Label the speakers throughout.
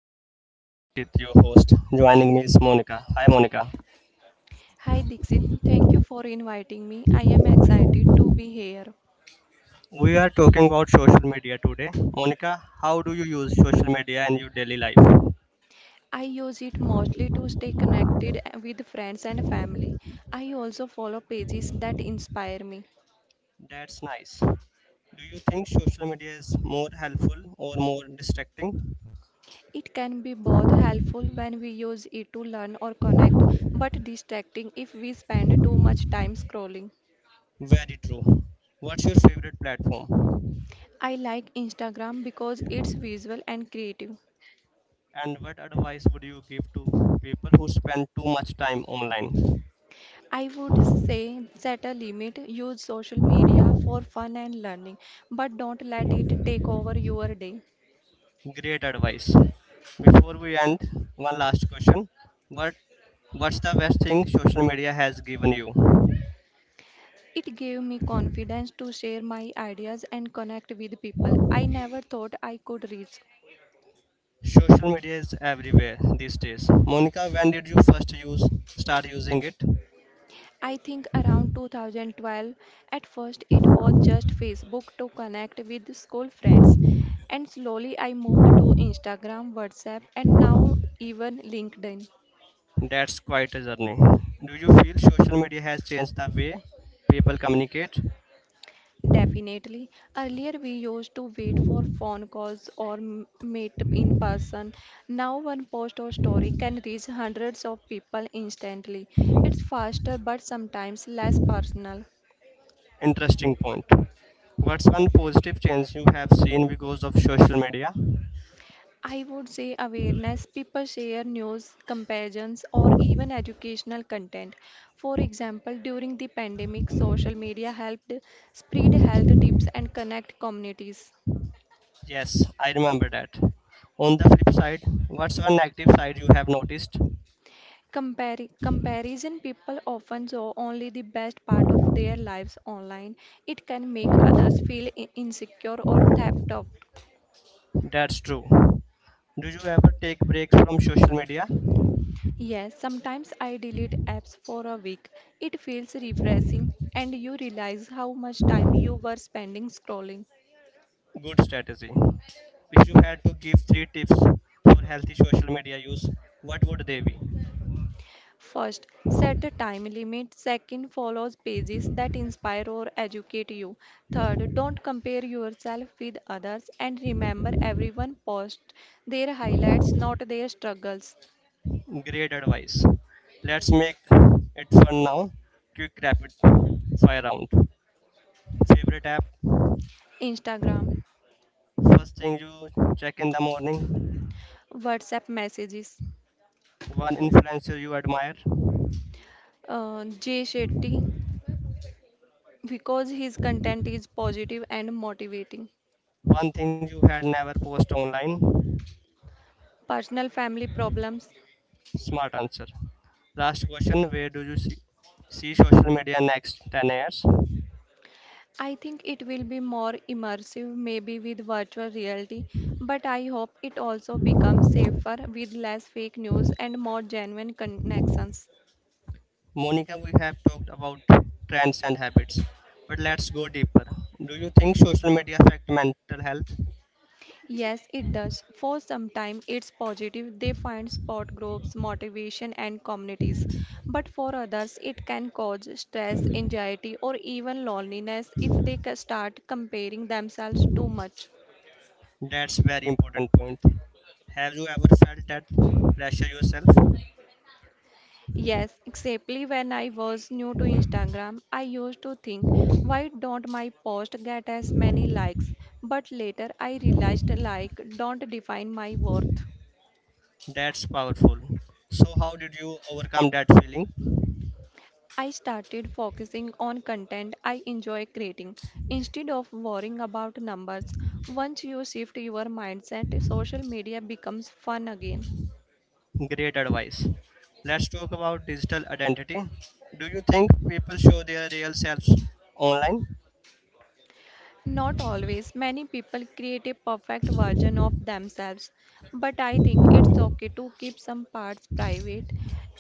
Speaker 1: show. I am Dikshit, your host. Joining me is Monica. Hi Monica.
Speaker 2: Hi Dixit, thank you for inviting me. I am excited to be here.
Speaker 1: We are talking about social media today. Monica, how do you use social media in your daily life?
Speaker 2: I use it mostly to stay connected with friends and family. I also follow pages that inspire me.
Speaker 1: That's nice. Do you think social media is more helpful or more distracting?
Speaker 2: It can be both helpful when we use it to learn or connect, but distracting if we spend too much time scrolling.
Speaker 1: Very true. What's your favorite platform?
Speaker 2: I like Instagram because it's visual and creative.
Speaker 1: And what advice would you give to people who spend too much time online?
Speaker 2: I would say set a limit, use social media for fun and learning, but don't let it take over your day.
Speaker 1: Great advice. Before we end, one last question. What what's the best thing social media has given you?
Speaker 2: It gave me confidence to share my ideas and connect with people I never thought I could reach.
Speaker 1: Social media is everywhere these days. Monica, when did you first use start using it?
Speaker 2: I think around 2012, at first it was just Facebook to connect with school friends, and slowly I moved to Instagram, WhatsApp, and now even LinkedIn.
Speaker 1: That's quite a journey. Do you feel social media has changed the way people communicate?
Speaker 2: Definitely. Earlier, we used to wait for phone calls or meet in person. Now, one post or story can reach hundreds of people instantly. It's faster but sometimes less personal.
Speaker 1: Interesting point. What's one positive change you have seen because of social media?
Speaker 2: I would say awareness. People share news, comparisons, or even educational content. For example, during the pandemic, social media helped spread health tips and connect communities.
Speaker 1: Yes, I remember that. On the flip side, what's one negative side you have noticed?
Speaker 2: Comparison, people often show only the best part of their lives online. It can make others feel insecure or theft of.
Speaker 1: That's true. Do you ever take breaks from social media?
Speaker 2: Yes, sometimes I delete apps for a week. It feels refreshing and you realize how much time you were spending scrolling.
Speaker 1: Good strategy. If you had to give three tips for healthy social media use, what would they be?
Speaker 2: First, set a time limit. Second, follow pages that inspire or educate you. Third, don't compare yourself with others and remember everyone posts their highlights, not their struggles.
Speaker 1: Great advice. Let's make it fun now. Quick rapid fire round. Favorite app?
Speaker 2: Instagram,
Speaker 1: First thing you check in the morning.
Speaker 2: WhatsApp messages.
Speaker 1: One influencer you admire.
Speaker 2: Jay Shetty, because his content is positive and motivating.
Speaker 1: One thing you had never post online.
Speaker 2: Personal family problems.
Speaker 1: Smart answer. Last question. Where do you see social media next 10 years?
Speaker 2: I think it will be more immersive, maybe with virtual reality, but I hope it also becomes safer with less fake news and more genuine connections.
Speaker 1: Monica, we have talked about trends and habits, but let's go deeper. Do you think social media affect mental health?
Speaker 2: Yes, it does. For some time, it's positive. They find support groups, motivation, and communities. But for others, it can cause stress, anxiety, or even loneliness if they start comparing themselves too much.
Speaker 1: That's very important point. Have you ever felt that pressure yourself?
Speaker 2: Yes, exactly. When I was new to Instagram, I used to think, why don't my post get as many likes? But later I realized like don't define my worth.
Speaker 1: That's powerful. So how did you overcome that feeling?
Speaker 2: I started focusing on content I enjoy creating instead of worrying about numbers. Once you shift your mindset, social media becomes fun again.
Speaker 1: Great advice. Let's talk about digital identity. Do you think people show their real selves online?
Speaker 2: Not always. Many people create a perfect version of themselves, but I think it's okay to keep some parts private.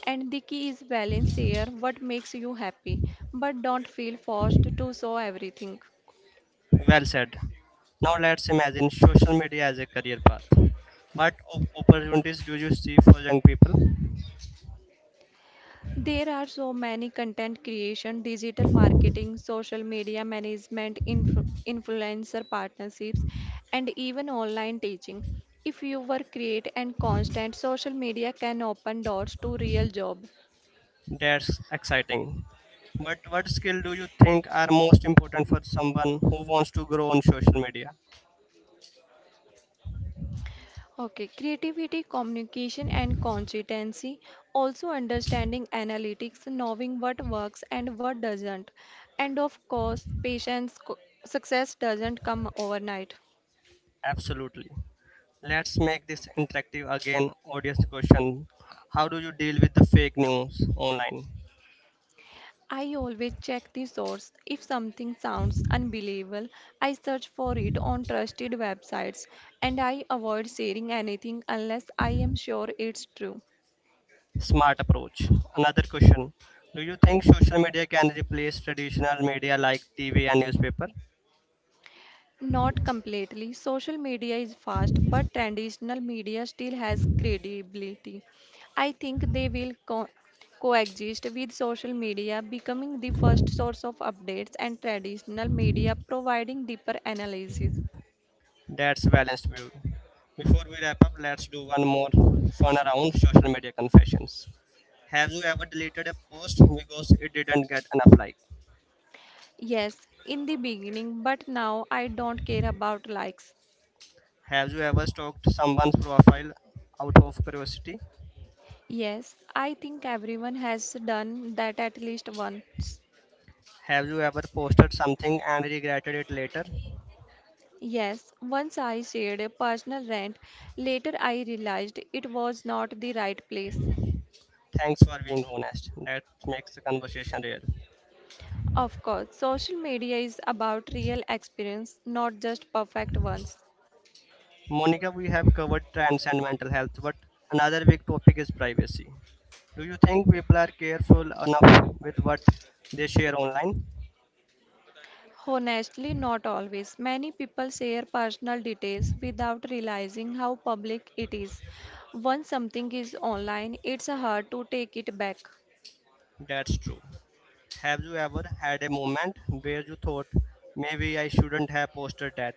Speaker 2: And the key is balance here what makes you happy, but don't feel forced to show everything.
Speaker 1: Well said. Now let's imagine social media as a career path. What opportunities do you see for young people?
Speaker 2: There are so many: content creation, digital marketing, social media management, influencer partnerships, and even online teaching. If you were create and constant, social media can open doors to real job.
Speaker 1: That's exciting. But what skill do you think are most important for someone who wants to grow on social media?
Speaker 2: Okay, creativity, communication, and consistency. Also, understanding analytics, knowing what works and what doesn't. And of course, patience, success doesn't come overnight.
Speaker 1: Absolutely. Let's make this interactive again. Audience question. How do you deal with the fake news online?
Speaker 2: I always check the source. If something sounds unbelievable, I search for it on trusted websites and I avoid sharing anything unless I am sure it's true.
Speaker 1: Smart approach. Another question. Do you think social media can replace traditional media like TV and newspaper?
Speaker 2: Not completely. Social media is fast, but traditional media still has credibility. I think they will coexist, with social media becoming the first source of updates and traditional media providing deeper analysis.
Speaker 1: That's balanced view. Before we wrap up, let's do one more fun around social media confessions. Have you ever deleted a post because it didn't get enough like?
Speaker 2: Yes, in the beginning, but now I don't care about likes.
Speaker 1: Have you ever stalked someone's profile out of curiosity?
Speaker 2: Yes, I think everyone has done that at least once.
Speaker 1: Have you ever posted something and regretted it later?
Speaker 2: Yes, once I shared a personal rant. Later, I realized it was not the right place.
Speaker 1: Thanks for being honest. That makes the conversation real.
Speaker 2: Of course, social media is about real experience, not just perfect ones.
Speaker 1: Monica, we have covered trends and mental health, but another big topic is privacy. Do you think people are careful enough with what they share online?
Speaker 2: Honestly, not always. Many people share personal details without realizing how public it is. Once something is online, it's hard to take it back.
Speaker 1: That's true. Have you ever had a moment where you thought, maybe I shouldn't have posted that?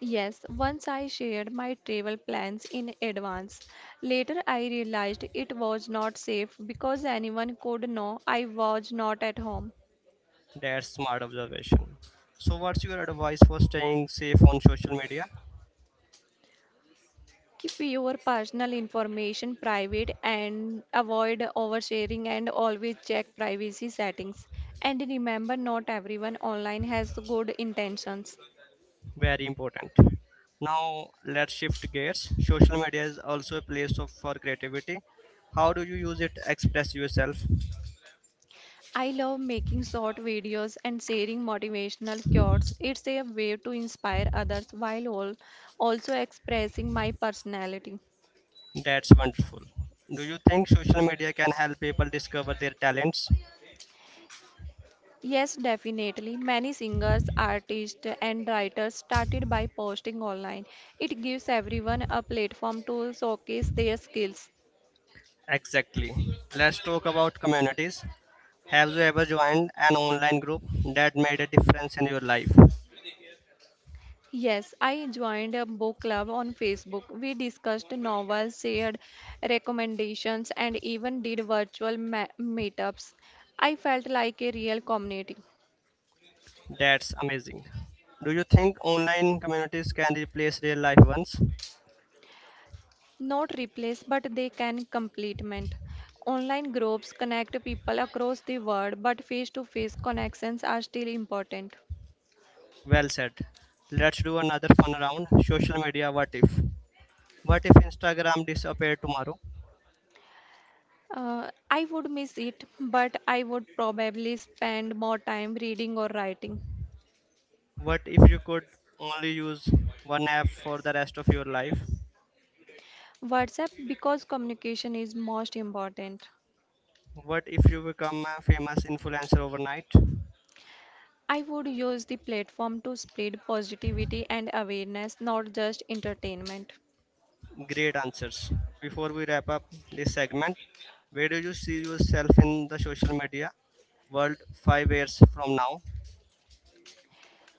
Speaker 2: Yes, once I shared my travel plans in advance. Later, I realized it was not safe because anyone could know I was not at home.
Speaker 1: That's smart observation. So, what's your advice for staying safe on social media?
Speaker 2: Keep your personal information private and avoid oversharing and always check privacy settings. And remember, not everyone online has good intentions.
Speaker 1: Very important. Now, let's shift gears. Social media is also a place of, for creativity. How do you use it to express yourself?
Speaker 2: I love making short videos and sharing motivational quotes. It's a way to inspire others while all also expressing my personality.
Speaker 1: That's wonderful. Do you think social media can help people discover their talents?
Speaker 2: Yes, definitely. Many singers, artists, and writers started by posting online. It gives everyone a platform to showcase their skills.
Speaker 1: Exactly. Let's talk about communities. Have you ever joined an online group that made a difference in your life?
Speaker 2: Yes, I joined a book club on Facebook. We discussed novels, shared recommendations, and even did virtual meetups. I felt like a real community.
Speaker 1: That's amazing. Do you think online communities can replace real life ones?
Speaker 2: Not replace, but they can complement. Online groups connect people across the world, but face to face connections are still important.
Speaker 1: Well said. Let's do another fun round. Social media what if? What if Instagram disappeared tomorrow?
Speaker 2: I would miss it, but I would probably spend more time reading or writing.
Speaker 1: What if you could only use one app for the rest of your life?
Speaker 2: WhatsApp, because communication is most important.
Speaker 1: What if you become a famous influencer overnight?
Speaker 2: I would use the platform to spread positivity and awareness, not just entertainment.
Speaker 1: Great answers. Before we wrap up this segment, where do you see yourself in the social media world 5 years from now?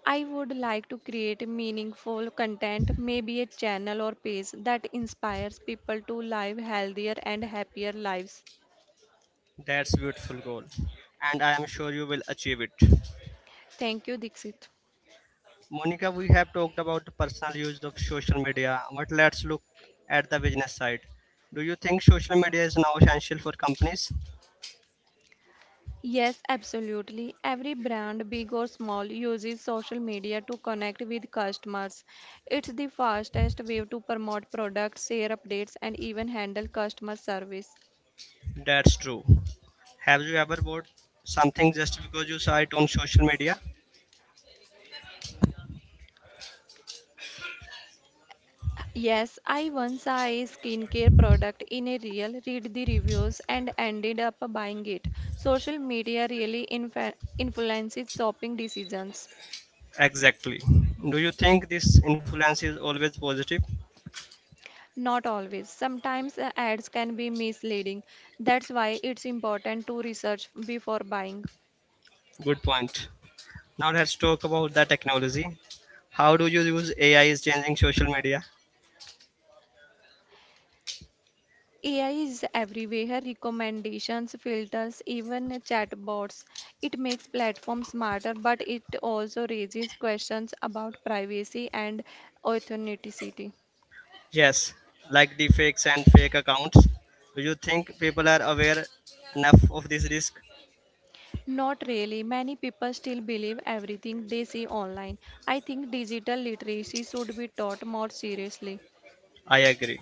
Speaker 2: I would like to create meaningful content, maybe a channel or page that inspires people to live healthier and happier lives.
Speaker 1: That's beautiful goal. And I am sure you will achieve it.
Speaker 2: Thank you, Dixit.
Speaker 1: Monica, we have talked about the personal use of social media, but let's look at the business side. Do you think social media is now essential for companies?
Speaker 2: Yes, absolutely. Every brand, big or small, uses social media to connect with customers. It's the fastest way to promote products, share updates, and even handle customer service.
Speaker 1: That's true. Have you ever bought something just because you saw it on social media?
Speaker 2: Yes, I once saw a skincare product in a reel, read the reviews, and ended up buying it. Social media really infa influences shopping decisions.
Speaker 1: Exactly. Do you think this influence is always positive?
Speaker 2: Not always. Sometimes ads can be misleading. That's why it's important to research before buying.
Speaker 1: Good point. Now let's talk about the technology. How do you use AI is changing social media?
Speaker 2: AI is everywhere, recommendations, filters, even chatbots. It makes platforms smarter, but it also raises questions about privacy and authenticity.
Speaker 1: Yes, like deepfakes and fake accounts. Do you think people are aware enough of this risk?
Speaker 2: Not really. Many people still believe everything they see online. I think digital literacy should be taught more seriously.
Speaker 1: I agree.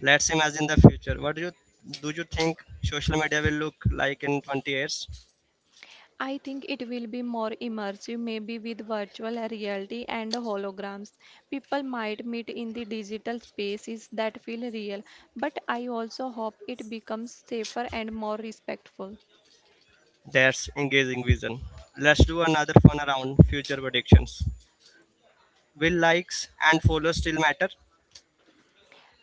Speaker 1: Let's imagine the future. What do you think social media will look like in 20 years?
Speaker 2: I think it will be more immersive, maybe with virtual reality and holograms. People might meet in the digital spaces that feel real, but I also hope it becomes safer and more respectful.
Speaker 1: That's engaging vision. Let's do another fun around future predictions. Will likes and followers still matter?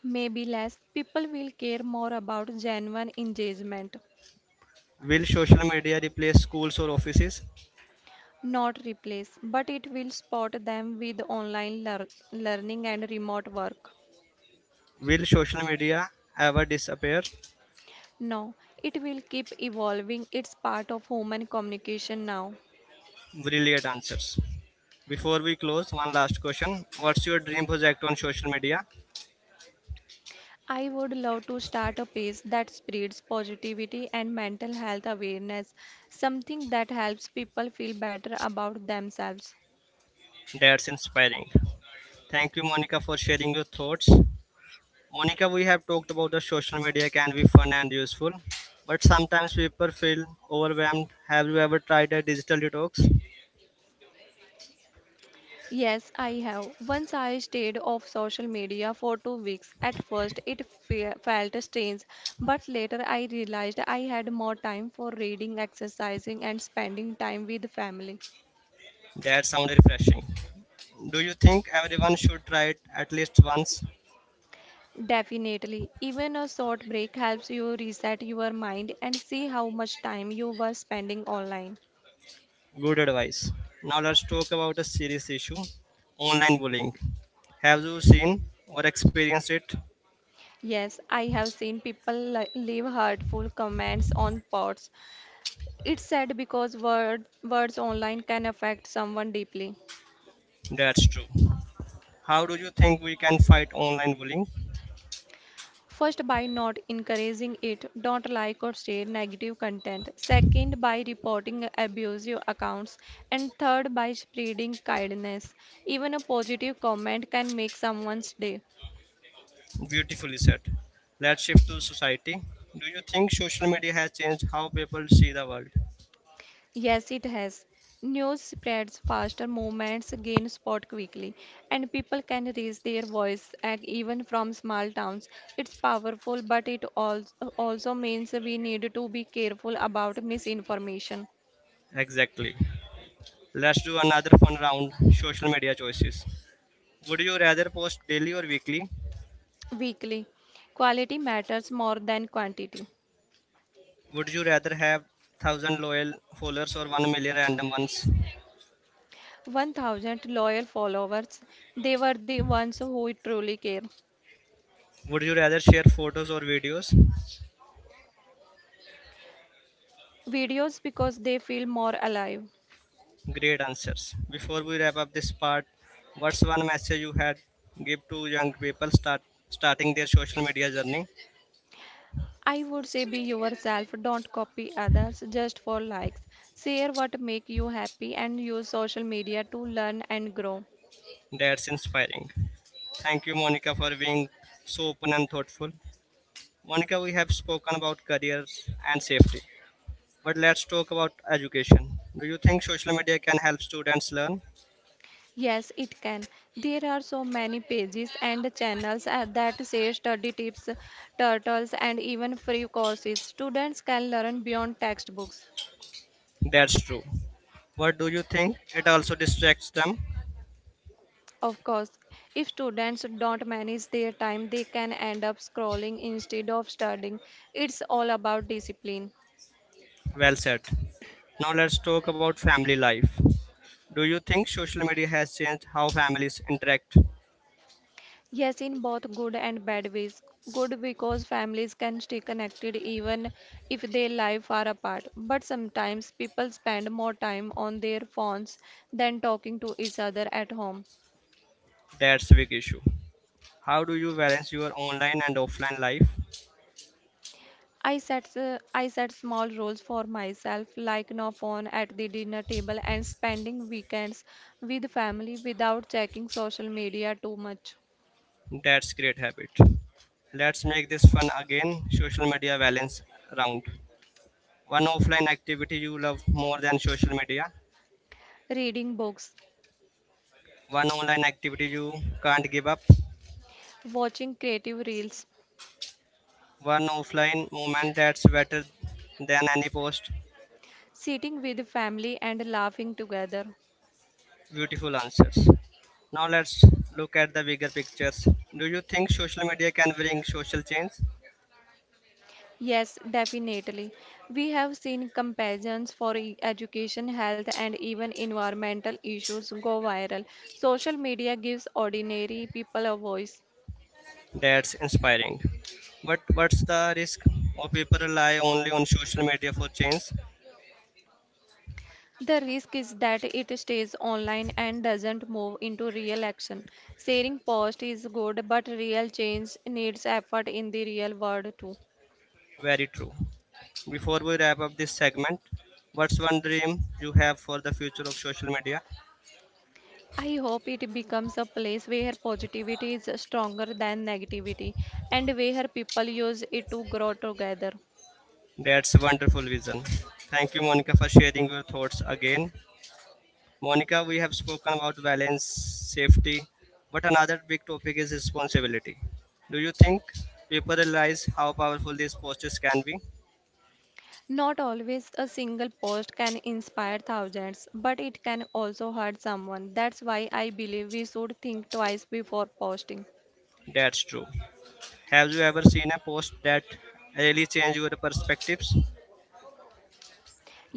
Speaker 2: Maybe less, people will care more about genuine engagement.
Speaker 1: Will social media replace schools or offices?
Speaker 2: Not replace, but it will spot them with online learning and remote work.
Speaker 1: Will social media ever disappear?
Speaker 2: No, it will keep evolving. It's part of human communication now.
Speaker 1: Brilliant answers. Before we close, one last question. What's your dream project on social media?
Speaker 2: I would love to start a page that spreads positivity and mental health awareness, something that helps people feel better about themselves.
Speaker 1: That's inspiring. Thank you, Monica, for sharing your thoughts. Monica, we have talked about the social media can be fun and useful, but sometimes people feel overwhelmed. Have you ever tried a digital detox?
Speaker 2: Yes, I have. Once I stayed off social media for 2 weeks. At first, it fe felt strange, but later I realized I had more time for reading, exercising, and spending time with family.
Speaker 1: That sounds refreshing. Do you think everyone should try it at least once?
Speaker 2: Definitely, even a short break helps you reset your mind and see how much time you were spending online.
Speaker 1: Good advice. Now let's talk about a serious issue, online bullying. Have you seen or experienced it?
Speaker 2: Yes, I have seen people leave hurtful comments on posts. It's sad because words online can affect someone deeply.
Speaker 1: That's true. How do you think we can fight online bullying?
Speaker 2: First, by not encouraging it, don't like or share negative content. Second, by reporting abusive accounts. And third, by spreading kindness. Even a positive comment can make someone's day.
Speaker 1: Beautifully said. Let's shift to society. Do you think social media has changed how people see the world?
Speaker 2: Yes, it has. News spreads faster, movements gain spot quickly, and people can raise their voice and even from small towns. It's powerful, but it also means we need to be careful about misinformation.
Speaker 1: Exactly. Let's do another fun round. Social media choices. Would you rather post daily or weekly?
Speaker 2: Weekly. Quality matters more than quantity.
Speaker 1: Would you rather have 1000 loyal followers or 1 million random ones?
Speaker 2: 1,000 loyal followers. They were the ones who truly care.
Speaker 1: Would you rather share photos or videos?
Speaker 2: Videos, because they feel more alive.
Speaker 1: Great answers. Before we wrap up this part, what's one message you had give to young people starting their social media journey?
Speaker 2: I would say be yourself, don't copy others just for likes. Share what make you happy and use social media to learn and grow.
Speaker 1: That's inspiring. Thank you, Monica, for being so open and thoughtful. Monica, we have spoken about careers and safety, but let's talk about education. Do you think social media can help students learn?
Speaker 2: Yes, it can. There are so many pages and channels that say study tips, turtles, and even free courses. Students can learn beyond textbooks.
Speaker 1: That's true. What do you think? It also distracts them.
Speaker 2: Of course, if students don't manage their time, they can end up scrolling instead of studying. It's all about discipline.
Speaker 1: Well said. Now let's talk about family life. Do you think social media has changed how families interact?
Speaker 2: Yes, in both good and bad ways. Good because families can stay connected even if their life are apart. But sometimes people spend more time on their phones than talking to each other at home.
Speaker 1: That's a big issue. How do you balance your online and offline life?
Speaker 2: I set small roles for myself, like no phone at the dinner table and spending weekends with family without checking social media too much.
Speaker 1: That's great habit. Let's make this fun again. Social media balance round. One offline activity you love more than social media.
Speaker 2: Reading books,
Speaker 1: One online activity you can't give up.
Speaker 2: watching creative reels,
Speaker 1: One offline moment that's better than any post.
Speaker 2: sitting with family and laughing together.
Speaker 1: Beautiful answers. Now let's look at the bigger pictures. Do you think social media can bring social change?
Speaker 2: Yes, definitely. We have seen comparisons for education, health, and even environmental issues go viral. Social media gives ordinary people a voice.
Speaker 1: That's inspiring. But what's the risk? Or people rely only on social media for change?
Speaker 2: The risk is that it stays online and doesn't move into real action. Sharing posts is good, but real change needs effort in the real world too.
Speaker 1: Very true. Before we wrap up this segment, what's one dream you have for the future of social media?
Speaker 2: I hope it becomes a place where positivity is stronger than negativity and where people use it to grow together.
Speaker 1: That's a wonderful vision. Thank you, Monica, for sharing your thoughts again. Monica, we have spoken about balance, safety, but another big topic is responsibility. Do you think people realize how powerful these posters can be?
Speaker 2: Not always. A single post can inspire thousands, but it can also hurt someone. That's why I believe we should think twice before posting.
Speaker 1: That's true. Have you ever seen a post that really changed your perspectives?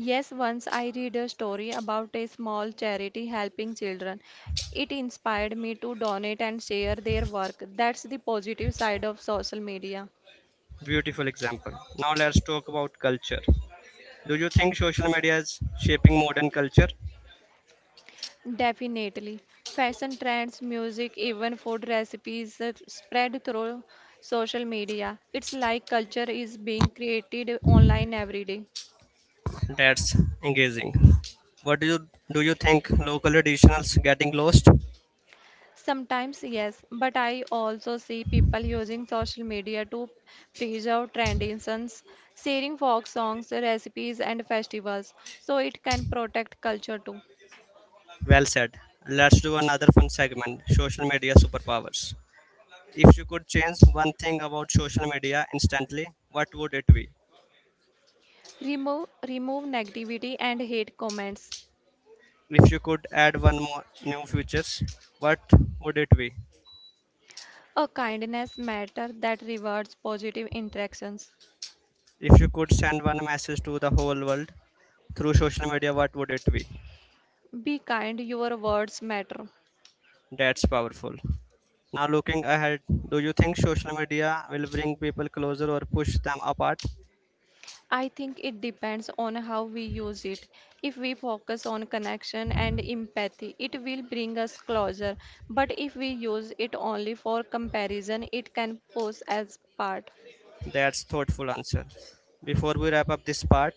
Speaker 2: Yes, once I read a story about a small charity helping children. It inspired me to donate and share their work. That's the positive side of social media.
Speaker 1: Beautiful example. Now let's talk about culture. Do you think social media is shaping modern culture?
Speaker 2: Definitely. Fashion trends, music, even food recipes are spread through social media. It's like culture is being created online every day.
Speaker 1: That's engaging. What do you think local traditionals getting lost?
Speaker 2: Sometimes, yes, but I also see people using social media to preserve traditions, sharing folk songs, recipes, and festivals, so it can protect culture too.
Speaker 1: Well said. Let's do another fun segment, social media superpowers. If you could change one thing about social media instantly, what would it be?
Speaker 2: Remove negativity and hate comments.
Speaker 1: If you could add one more new features, what would it be?
Speaker 2: A kindness matter that rewards positive interactions.
Speaker 1: If you could send one message to the whole world through social media, what would it be?
Speaker 2: Be kind, your words matter.
Speaker 1: That's powerful. Now, looking ahead, do you think social media will bring people closer or push them apart?
Speaker 2: I think it depends on how we use it. If we focus on connection and empathy, it will bring us closer. But if we use it only for comparison, it can pose as part.
Speaker 1: That's thoughtful answer. Before we wrap up this part,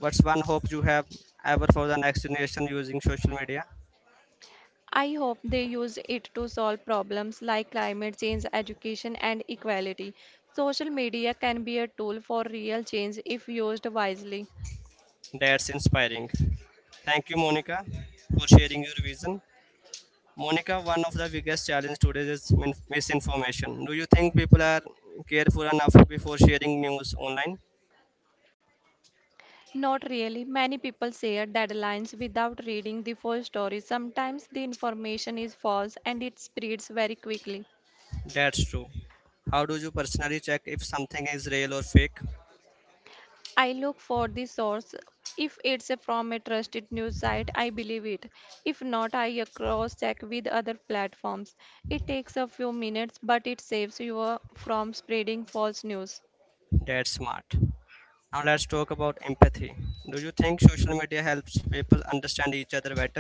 Speaker 1: what's one hope you have ever for the next generation using social media?
Speaker 2: I hope they use it to solve problems like climate change, education, and equality. Social media can be a tool for real change if used wisely.
Speaker 1: That's inspiring. Thank you, Monica, for sharing your vision. Monica, one of the biggest challenges today is misinformation. Do you think people are careful enough before sharing news online?
Speaker 2: Not really. Many people share deadlines without reading the full story. Sometimes the information is false and it spreads very quickly.
Speaker 1: That's true. How do you personally check if something is real or fake?
Speaker 2: I look for the source. If it's from a trusted news site, I believe it. If not, I cross check with other platforms. It takes a few minutes, but it saves you from spreading false news.
Speaker 1: That's smart. Now let's talk about empathy. Do you think social media helps people understand each other better?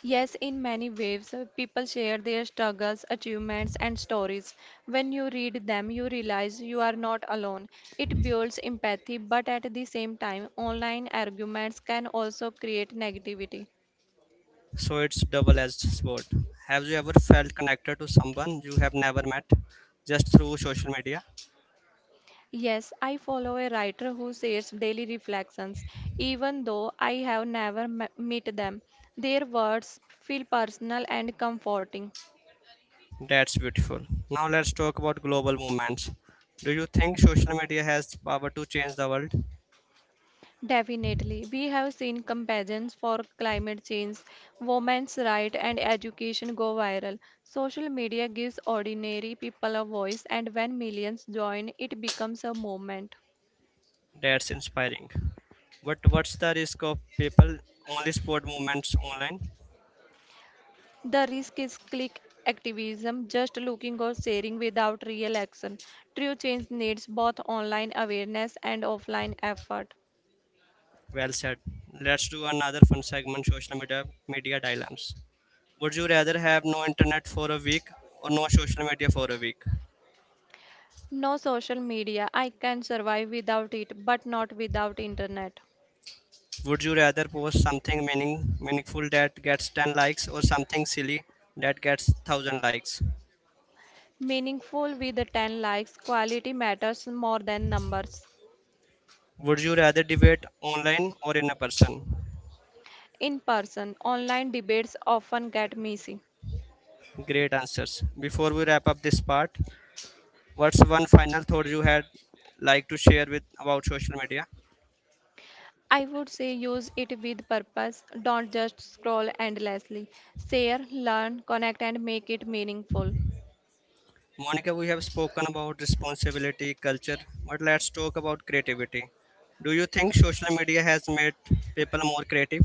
Speaker 2: Yes, in many ways, people share their struggles, achievements, and stories. When you read them, you realize you are not alone. It builds empathy, but at the same time, online arguments can also create negativity.
Speaker 1: So it's double-edged sword. Have you ever felt connected to someone you have never met just through social media?
Speaker 2: Yes, I follow a writer who shares daily reflections, even though I have never met them. Their words feel personal and comforting.
Speaker 1: That's beautiful. Now let's talk about global movements. Do you think social media has the power to change the world?
Speaker 2: Definitely. We have seen comparisons for climate change, women's rights, and education go viral. Social media gives ordinary people a voice, and when millions join, it becomes a movement.
Speaker 1: That's inspiring. But what's the risk of people only support movements online?
Speaker 2: The risk is click activism, just looking or sharing without real action. True change needs both online awareness and offline effort.
Speaker 1: Well said. Let's do another fun segment. Social media dilemmas. Would you rather have no internet for a week or no social media for a week?
Speaker 2: No social media. I can survive without it, but not without internet.
Speaker 1: Would you rather post something meaningful that gets 10 likes or something silly that gets 1000 likes?
Speaker 2: Meaningful with the 10 likes, quality matters more than numbers.
Speaker 1: Would you rather debate online or in a person?
Speaker 2: In person, online debates often get messy.
Speaker 1: Great answers. Before we wrap up this part, what's one final thought you had like to share with about social media?
Speaker 2: I would say use it with purpose, don't just scroll endlessly. Share, learn, connect, and make it meaningful.
Speaker 1: Monica, we have spoken about responsibility, culture, but let's talk about creativity. Do you think social media has made people more creative?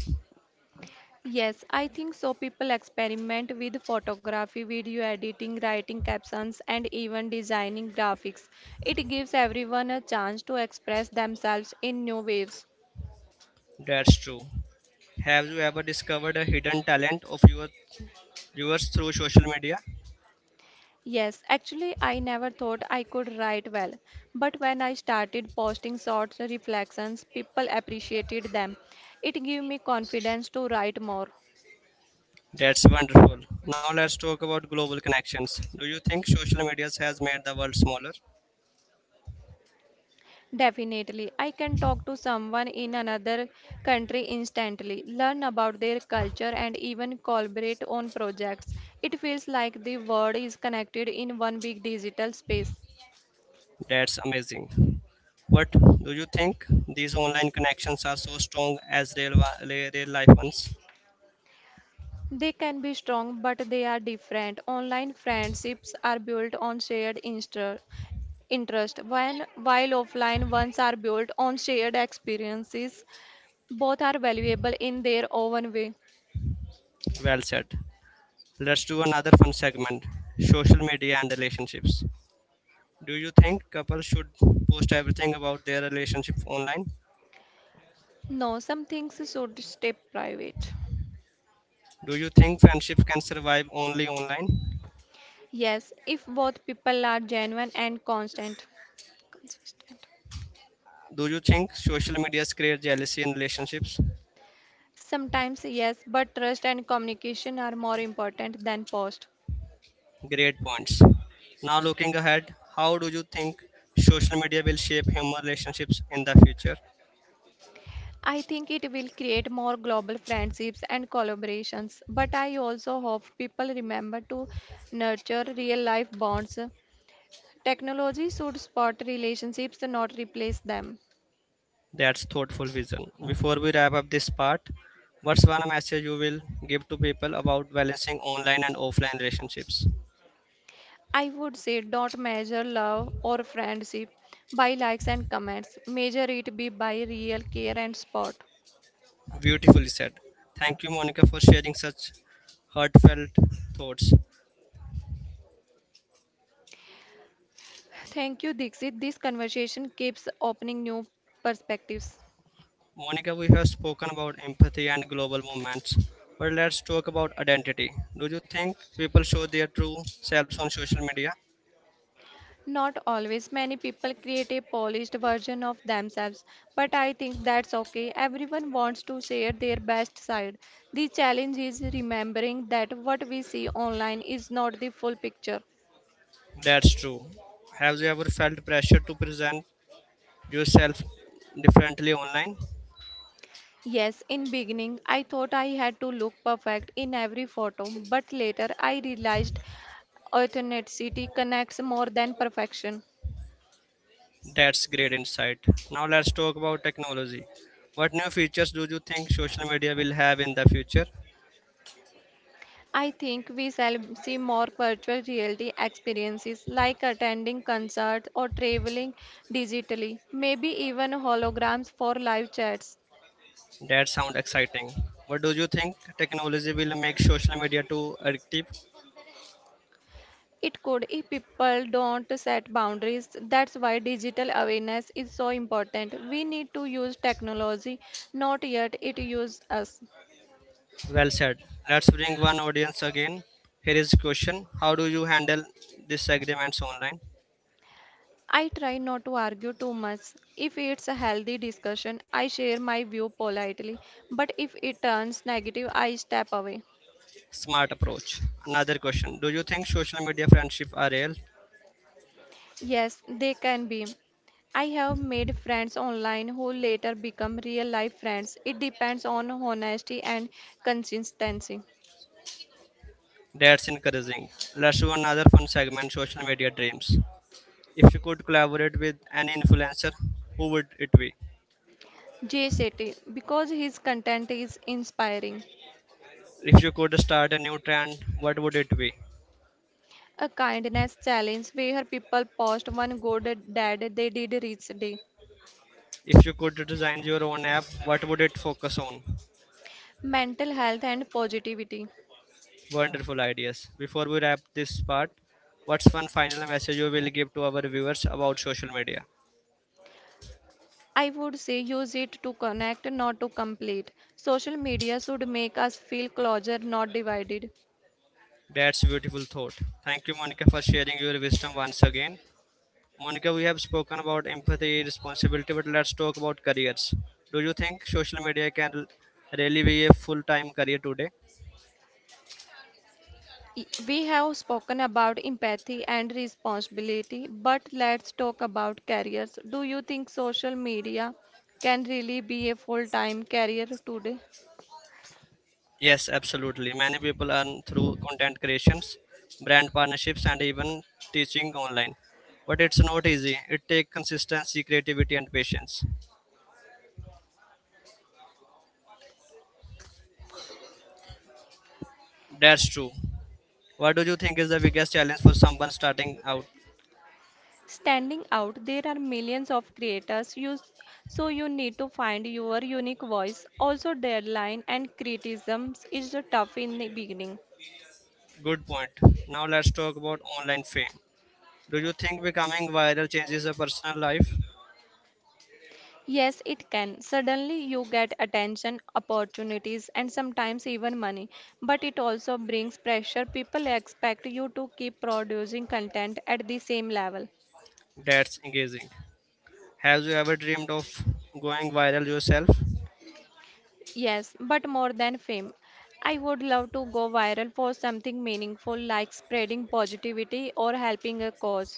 Speaker 2: Yes, I think so. People experiment with photography, video editing, writing captions, and even designing graphics. It gives everyone a chance to express themselves in new ways.
Speaker 1: That's true. Have you ever discovered a hidden talent of your viewers through social media?
Speaker 2: Yes, actually, I never thought I could write well, but when I started posting short reflections, people appreciated them. It gave me confidence to write more.
Speaker 1: That's wonderful. Now let's talk about global connections. Do you think social media has made the world smaller?
Speaker 2: Definitely, I can talk to someone in another country instantly, learn about their culture, and even collaborate on projects. It feels like the world is connected in one big digital space.
Speaker 1: That's amazing. What do you think these online connections are so strong as real life ones?
Speaker 2: They can be strong, but they are different. Online friendships are built on shared interest, while offline ones are built on shared experiences. Both are valuable in their own way.
Speaker 1: Well said. Let's do another fun segment. Social media and relationships. Do you think couples should post everything about their relationship online?
Speaker 2: No, some things should stay private.
Speaker 1: Do you think friendship can survive only online?
Speaker 2: Yes, if both people are genuine and constant. Consistent.
Speaker 1: Do you think social media creates jealousy in relationships?
Speaker 2: Sometimes, yes, but trust and communication are more important than post.
Speaker 1: Great points. Now, looking ahead, how do you think social media will shape human relationships in the future?
Speaker 2: I think it will create more global friendships and collaborations, but I also hope people remember to nurture real life bonds. Technology should support relationships, not replace them.
Speaker 1: That's thoughtful vision. Before we wrap up this part, what's one message you will give to people about balancing online and offline relationships?
Speaker 2: I would say don't measure love or friendship by likes and comments, measure it be by real care and support.
Speaker 1: Beautifully said. Thank you, Monica, for sharing such heartfelt thoughts.
Speaker 2: Thank you, Dixit. This conversation keeps opening new perspectives.
Speaker 1: Monica, we have spoken about empathy and global movements, but let's talk about identity. Do you think people show their true selves on social media?
Speaker 2: Not always. Many people create a polished version of themselves, but I think that's okay. Everyone wants to share their best side. The challenge is remembering that what we see online is not the full picture.
Speaker 1: That's true. Have you ever felt pressure to present yourself differently online?
Speaker 2: Yes, in beginning I thought I had to look perfect in every photo, but later I realized authenticity connects more than perfection.
Speaker 1: That's great insight. Now let's talk about technology. What new features do you think social media will have in the future?
Speaker 2: I think we shall see more virtual reality experiences like attending concerts or traveling digitally, maybe even holograms for live chats.
Speaker 1: That sounds exciting. What do you think technology will make social media too addictive?
Speaker 2: It could if people don't set boundaries. That's why digital awareness is so important. We need to use technology, not yet it use us.
Speaker 1: Well said. Let's bring one audience again. Here is a question. How do you handle disagreements online?
Speaker 2: I try not to argue too much. If it's a healthy discussion, I share my view politely. But if it turns negative, I step away.
Speaker 1: Smart approach. Another question. Do you think social media friendship are real?
Speaker 2: Yes, they can be. I have made friends online who later become real life friends. It depends on honesty and consistency.
Speaker 1: That's encouraging. Let's do another fun segment social media dreams. If you could collaborate with any influencer, who would it be?
Speaker 2: Jay Shetty, because his content is inspiring.
Speaker 1: If you could start a new trend, what would it be?
Speaker 2: A kindness challenge where people post one good deed they did each day.
Speaker 1: If you could design your own app, what would it focus on?
Speaker 2: Mental health and positivity.
Speaker 1: Wonderful ideas. Before we wrap this part, what's one final message you will give to our viewers about social media?
Speaker 2: I would say use it to connect, not to complete. Social media should make us feel closer, not divided.
Speaker 1: That's a beautiful thought. Thank you, Monica, for sharing your wisdom once again. Monica, we have spoken about empathy, responsibility, but let's talk about careers. Do you think social media can really be a full time career today?
Speaker 2: We have spoken about empathy and responsibility, but let's talk about careers. Do you think social media can really be a full-time career today?
Speaker 1: Yes, absolutely. Many people earn through content creations, brand partnerships, and even teaching online. But it's not easy. It takes consistency, creativity, and patience. That's true. What do you think is the biggest challenge for someone starting out?
Speaker 2: Standing out, there are millions of creators, so you need to find your unique voice. Also, deadline and criticisms is the tough in the beginning.
Speaker 1: Good point. Now let's talk about online fame. Do you think becoming viral changes a personal life?
Speaker 2: Yes, it can. Suddenly you get attention, opportunities, and sometimes even money. But it also brings pressure. People expect you to keep producing content at the same level.
Speaker 1: That's engaging. Have you ever dreamed of going viral yourself?
Speaker 2: Yes, but more than fame. I would love to go viral for something meaningful like spreading positivity or helping a cause.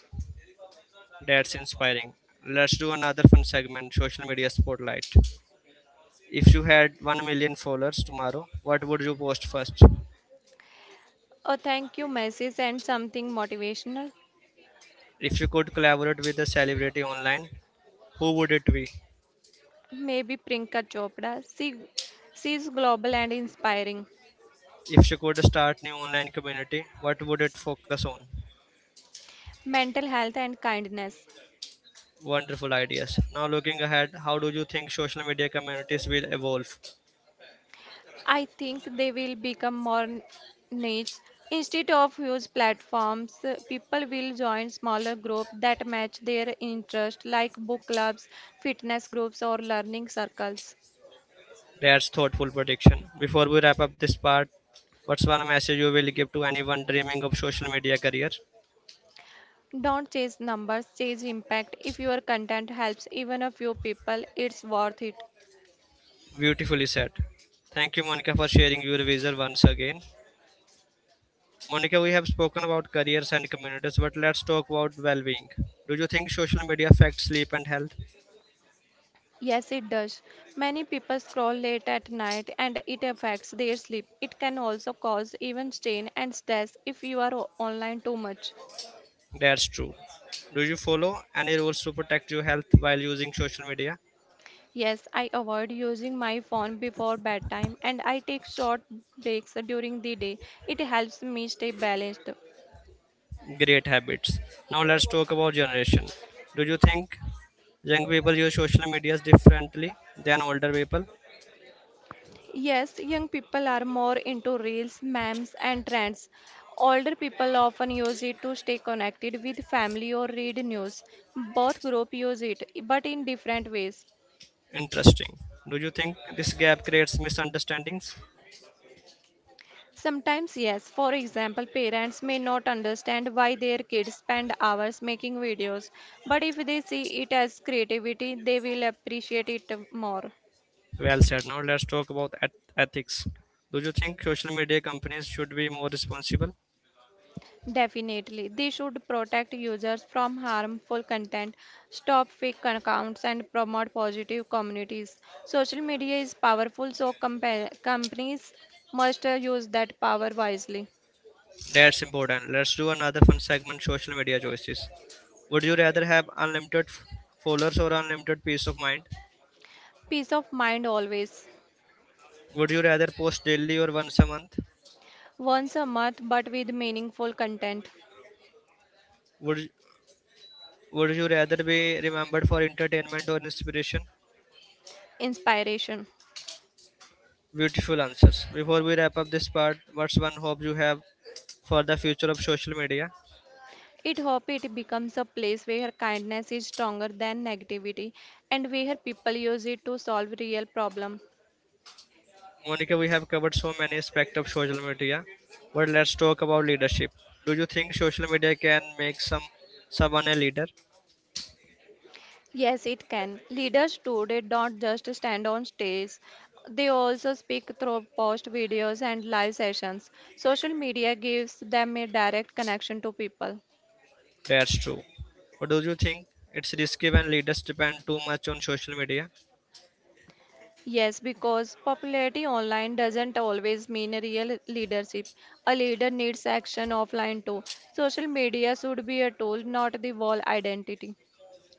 Speaker 1: That's inspiring. Let's do another fun segment social media spotlight. If you had 1 million followers tomorrow, what would you post first?
Speaker 2: A thank you message and something motivational.
Speaker 1: If you could collaborate with a celebrity online, who would it be?
Speaker 2: Maybe Priyanka Chopra. She global and inspiring.
Speaker 1: If you could start new online community, what would it focus on?
Speaker 2: Mental health and kindness.
Speaker 1: Wonderful ideas. Now looking ahead, how do you think social media communities will evolve?
Speaker 2: I think they will become more niche. Instead of huge platforms, people will join smaller groups that match their interest, like book clubs, fitness groups, or learning circles.
Speaker 1: That's thoughtful prediction. Before we wrap up this part, what's one message you will give to anyone dreaming of social media career?
Speaker 2: Don't chase numbers, chase impact. If your content helps even a few people, it's worth it.
Speaker 1: Beautifully said. Thank you, Monica, for sharing your vision once again. Monica, we have spoken about careers and communities, but let's talk about well-being. Do you think social media affects sleep and health?
Speaker 2: Yes, it does. Many people scroll late at night and it affects their sleep. It can also cause even strain and stress if you are online too much.
Speaker 1: That's true. Do you follow any rules to protect your health while using social media?
Speaker 2: Yes, I avoid using my phone before bedtime and I take short breaks during the day. It helps me stay balanced.
Speaker 1: Great habits. Now let's talk about generation. Do you think young people use social medias differently than older people?
Speaker 2: Yes, young people are more into reels, memes, and trends. Older people often use it to stay connected with family or read news. Both groups use it, but in different ways.
Speaker 1: Interesting. Do you think this gap creates misunderstandings?
Speaker 2: Sometimes, yes. For example, parents may not understand why their kids spend hours making videos, but if they see it as creativity, they will appreciate it more.
Speaker 1: Well said. Now let's talk about ethics. Do you think social media companies should be more responsible?
Speaker 2: Definitely, they should protect users from harmful content, stop fake accounts, and promote positive communities. Social media is powerful, so companies must use that power wisely.
Speaker 1: That's important. Let's do another fun segment social media choices. Would you rather have unlimited followers or unlimited peace of mind?
Speaker 2: Peace of mind always.
Speaker 1: Would you rather post daily or once a month?
Speaker 2: Once a month, but with meaningful content.
Speaker 1: Would Would you rather be remembered for entertainment or inspiration?
Speaker 2: Inspiration.
Speaker 1: Beautiful answers. Before we wrap up this part, what's one hope you have for the future of social media?
Speaker 2: It hope it becomes a place where kindness is stronger than negativity and where people use it to solve real problem.
Speaker 1: Monica, we have covered so many aspects of social media, but let's talk about leadership. Do you think social media can make someone a leader?
Speaker 2: Yes, it can. Leaders today don't just stand on stage. They also speak through post videos and live sessions. Social media gives them a direct connection to people.
Speaker 1: That's true. But do you think it's risky when leaders depend too much on social media?
Speaker 2: Yes, because popularity online doesn't always mean a real leadership. A leader needs action offline too. Social media should be a tool, not the wall identity.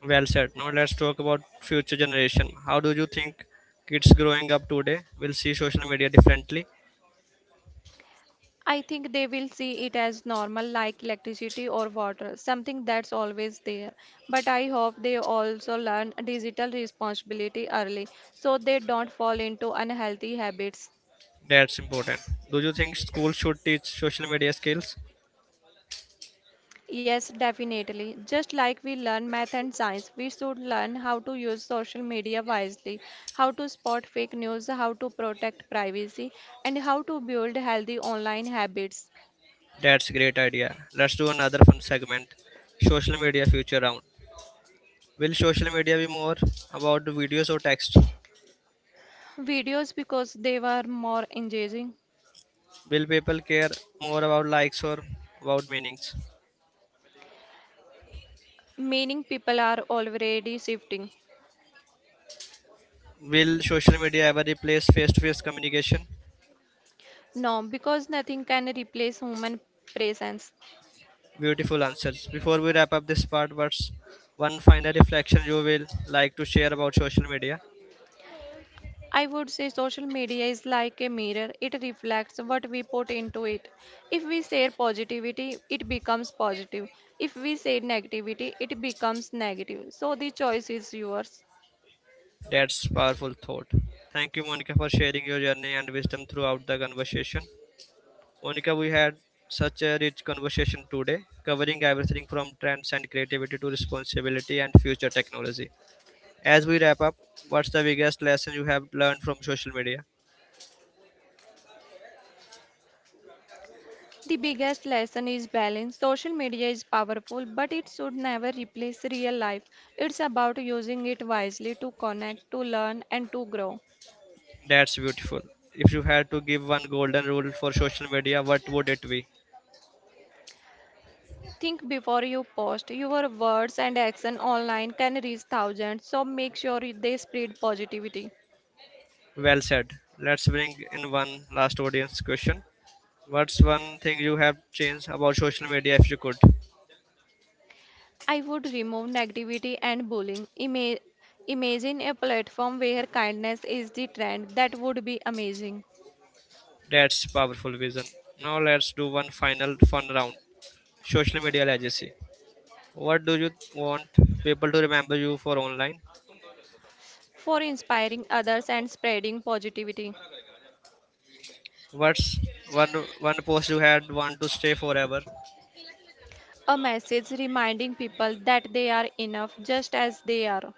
Speaker 1: Well said. Now let's talk about future generation. How do you think kids growing up today will see social media differently?
Speaker 2: I think they will see it as normal, like electricity or water, something that's always there. But I hope they also learn digital responsibility early so they don't fall into unhealthy habits.
Speaker 1: That's important. Do you think schools should teach social media skills?
Speaker 2: Yes, definitely. Just like we learn math and science, we should learn how to use social media wisely, how to spot fake news, how to protect privacy, and how to build healthy online habits.
Speaker 1: That's a great idea. Let's do another fun segment. Social media future round. Will social media be more about videos or text?
Speaker 2: Videos, because they were more engaging.
Speaker 1: Will people care more about likes or about meanings?
Speaker 2: Meaning, people are already shifting.
Speaker 1: Will social media ever replace face to face communication?
Speaker 2: No, because nothing can replace human presence.
Speaker 1: Beautiful answers. Before we wrap up this part, what's one final reflection you will like to share about social media?
Speaker 2: I would say social media is like a mirror. It reflects what we put into it. If we share positivity, it becomes positive. If we share negativity, it becomes negative. So the choice is yours.
Speaker 1: That's powerful thought. Thank you, Monica, for sharing your journey and wisdom throughout the conversation. Monica, we had such a rich conversation today, covering everything from trends and creativity to responsibility and future technology. As we wrap up, what's the biggest lesson you have learned from social media?
Speaker 2: The biggest lesson is balance. Social media is powerful, but it should never replace real life. It's about using it wisely to connect, to learn, and to grow.
Speaker 1: That's beautiful. If you had to give one golden rule for social media, what would it be?
Speaker 2: Think before you post. Your words and action online can reach thousands, so make sure they spread positivity.
Speaker 1: Well said. Let's bring in one last audience question. What's one thing you have changed about social media if you could?
Speaker 2: I would remove negativity and bullying. Imagine a platform where kindness is the trend. That would be amazing
Speaker 1: That's powerful vision. Now let's do one final fun round. Social media legacy. What do you want people to remember you for online?
Speaker 2: for inspiring others and spreading positivity.
Speaker 1: What's one one post you had want to stay forever?
Speaker 2: A message reminding people that they are enough just as they are.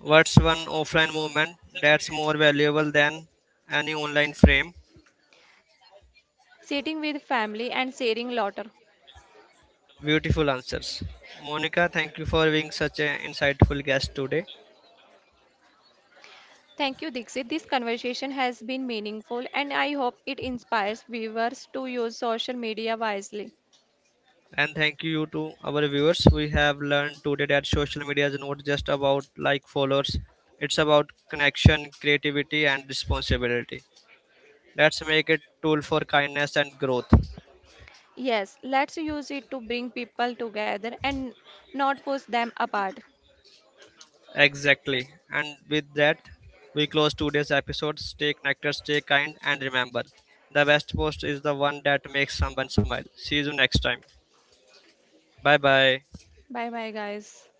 Speaker 1: What's one offline moment that's more valuable than any online frame?
Speaker 2: Sitting with family and sharing laughter.
Speaker 1: Beautiful answers. Monica, thank you for being such an insightful guest today.
Speaker 2: Thank you, Dixit. This conversation has been meaningful and I hope it inspires viewers to use social media wisely.
Speaker 1: And thank you to our viewers. We have learned today that social media is not just about like followers, it's about connection, creativity, and responsibility. Let's make it tool for kindness and growth.
Speaker 2: Yes, let's use it to bring people together and not push them apart.
Speaker 1: Exactly. And with that, we close today's episode. Stay connected, stay kind, and remember the best post is the one that makes someone smile. See you next time. Bye bye.
Speaker 2: Bye bye, guys.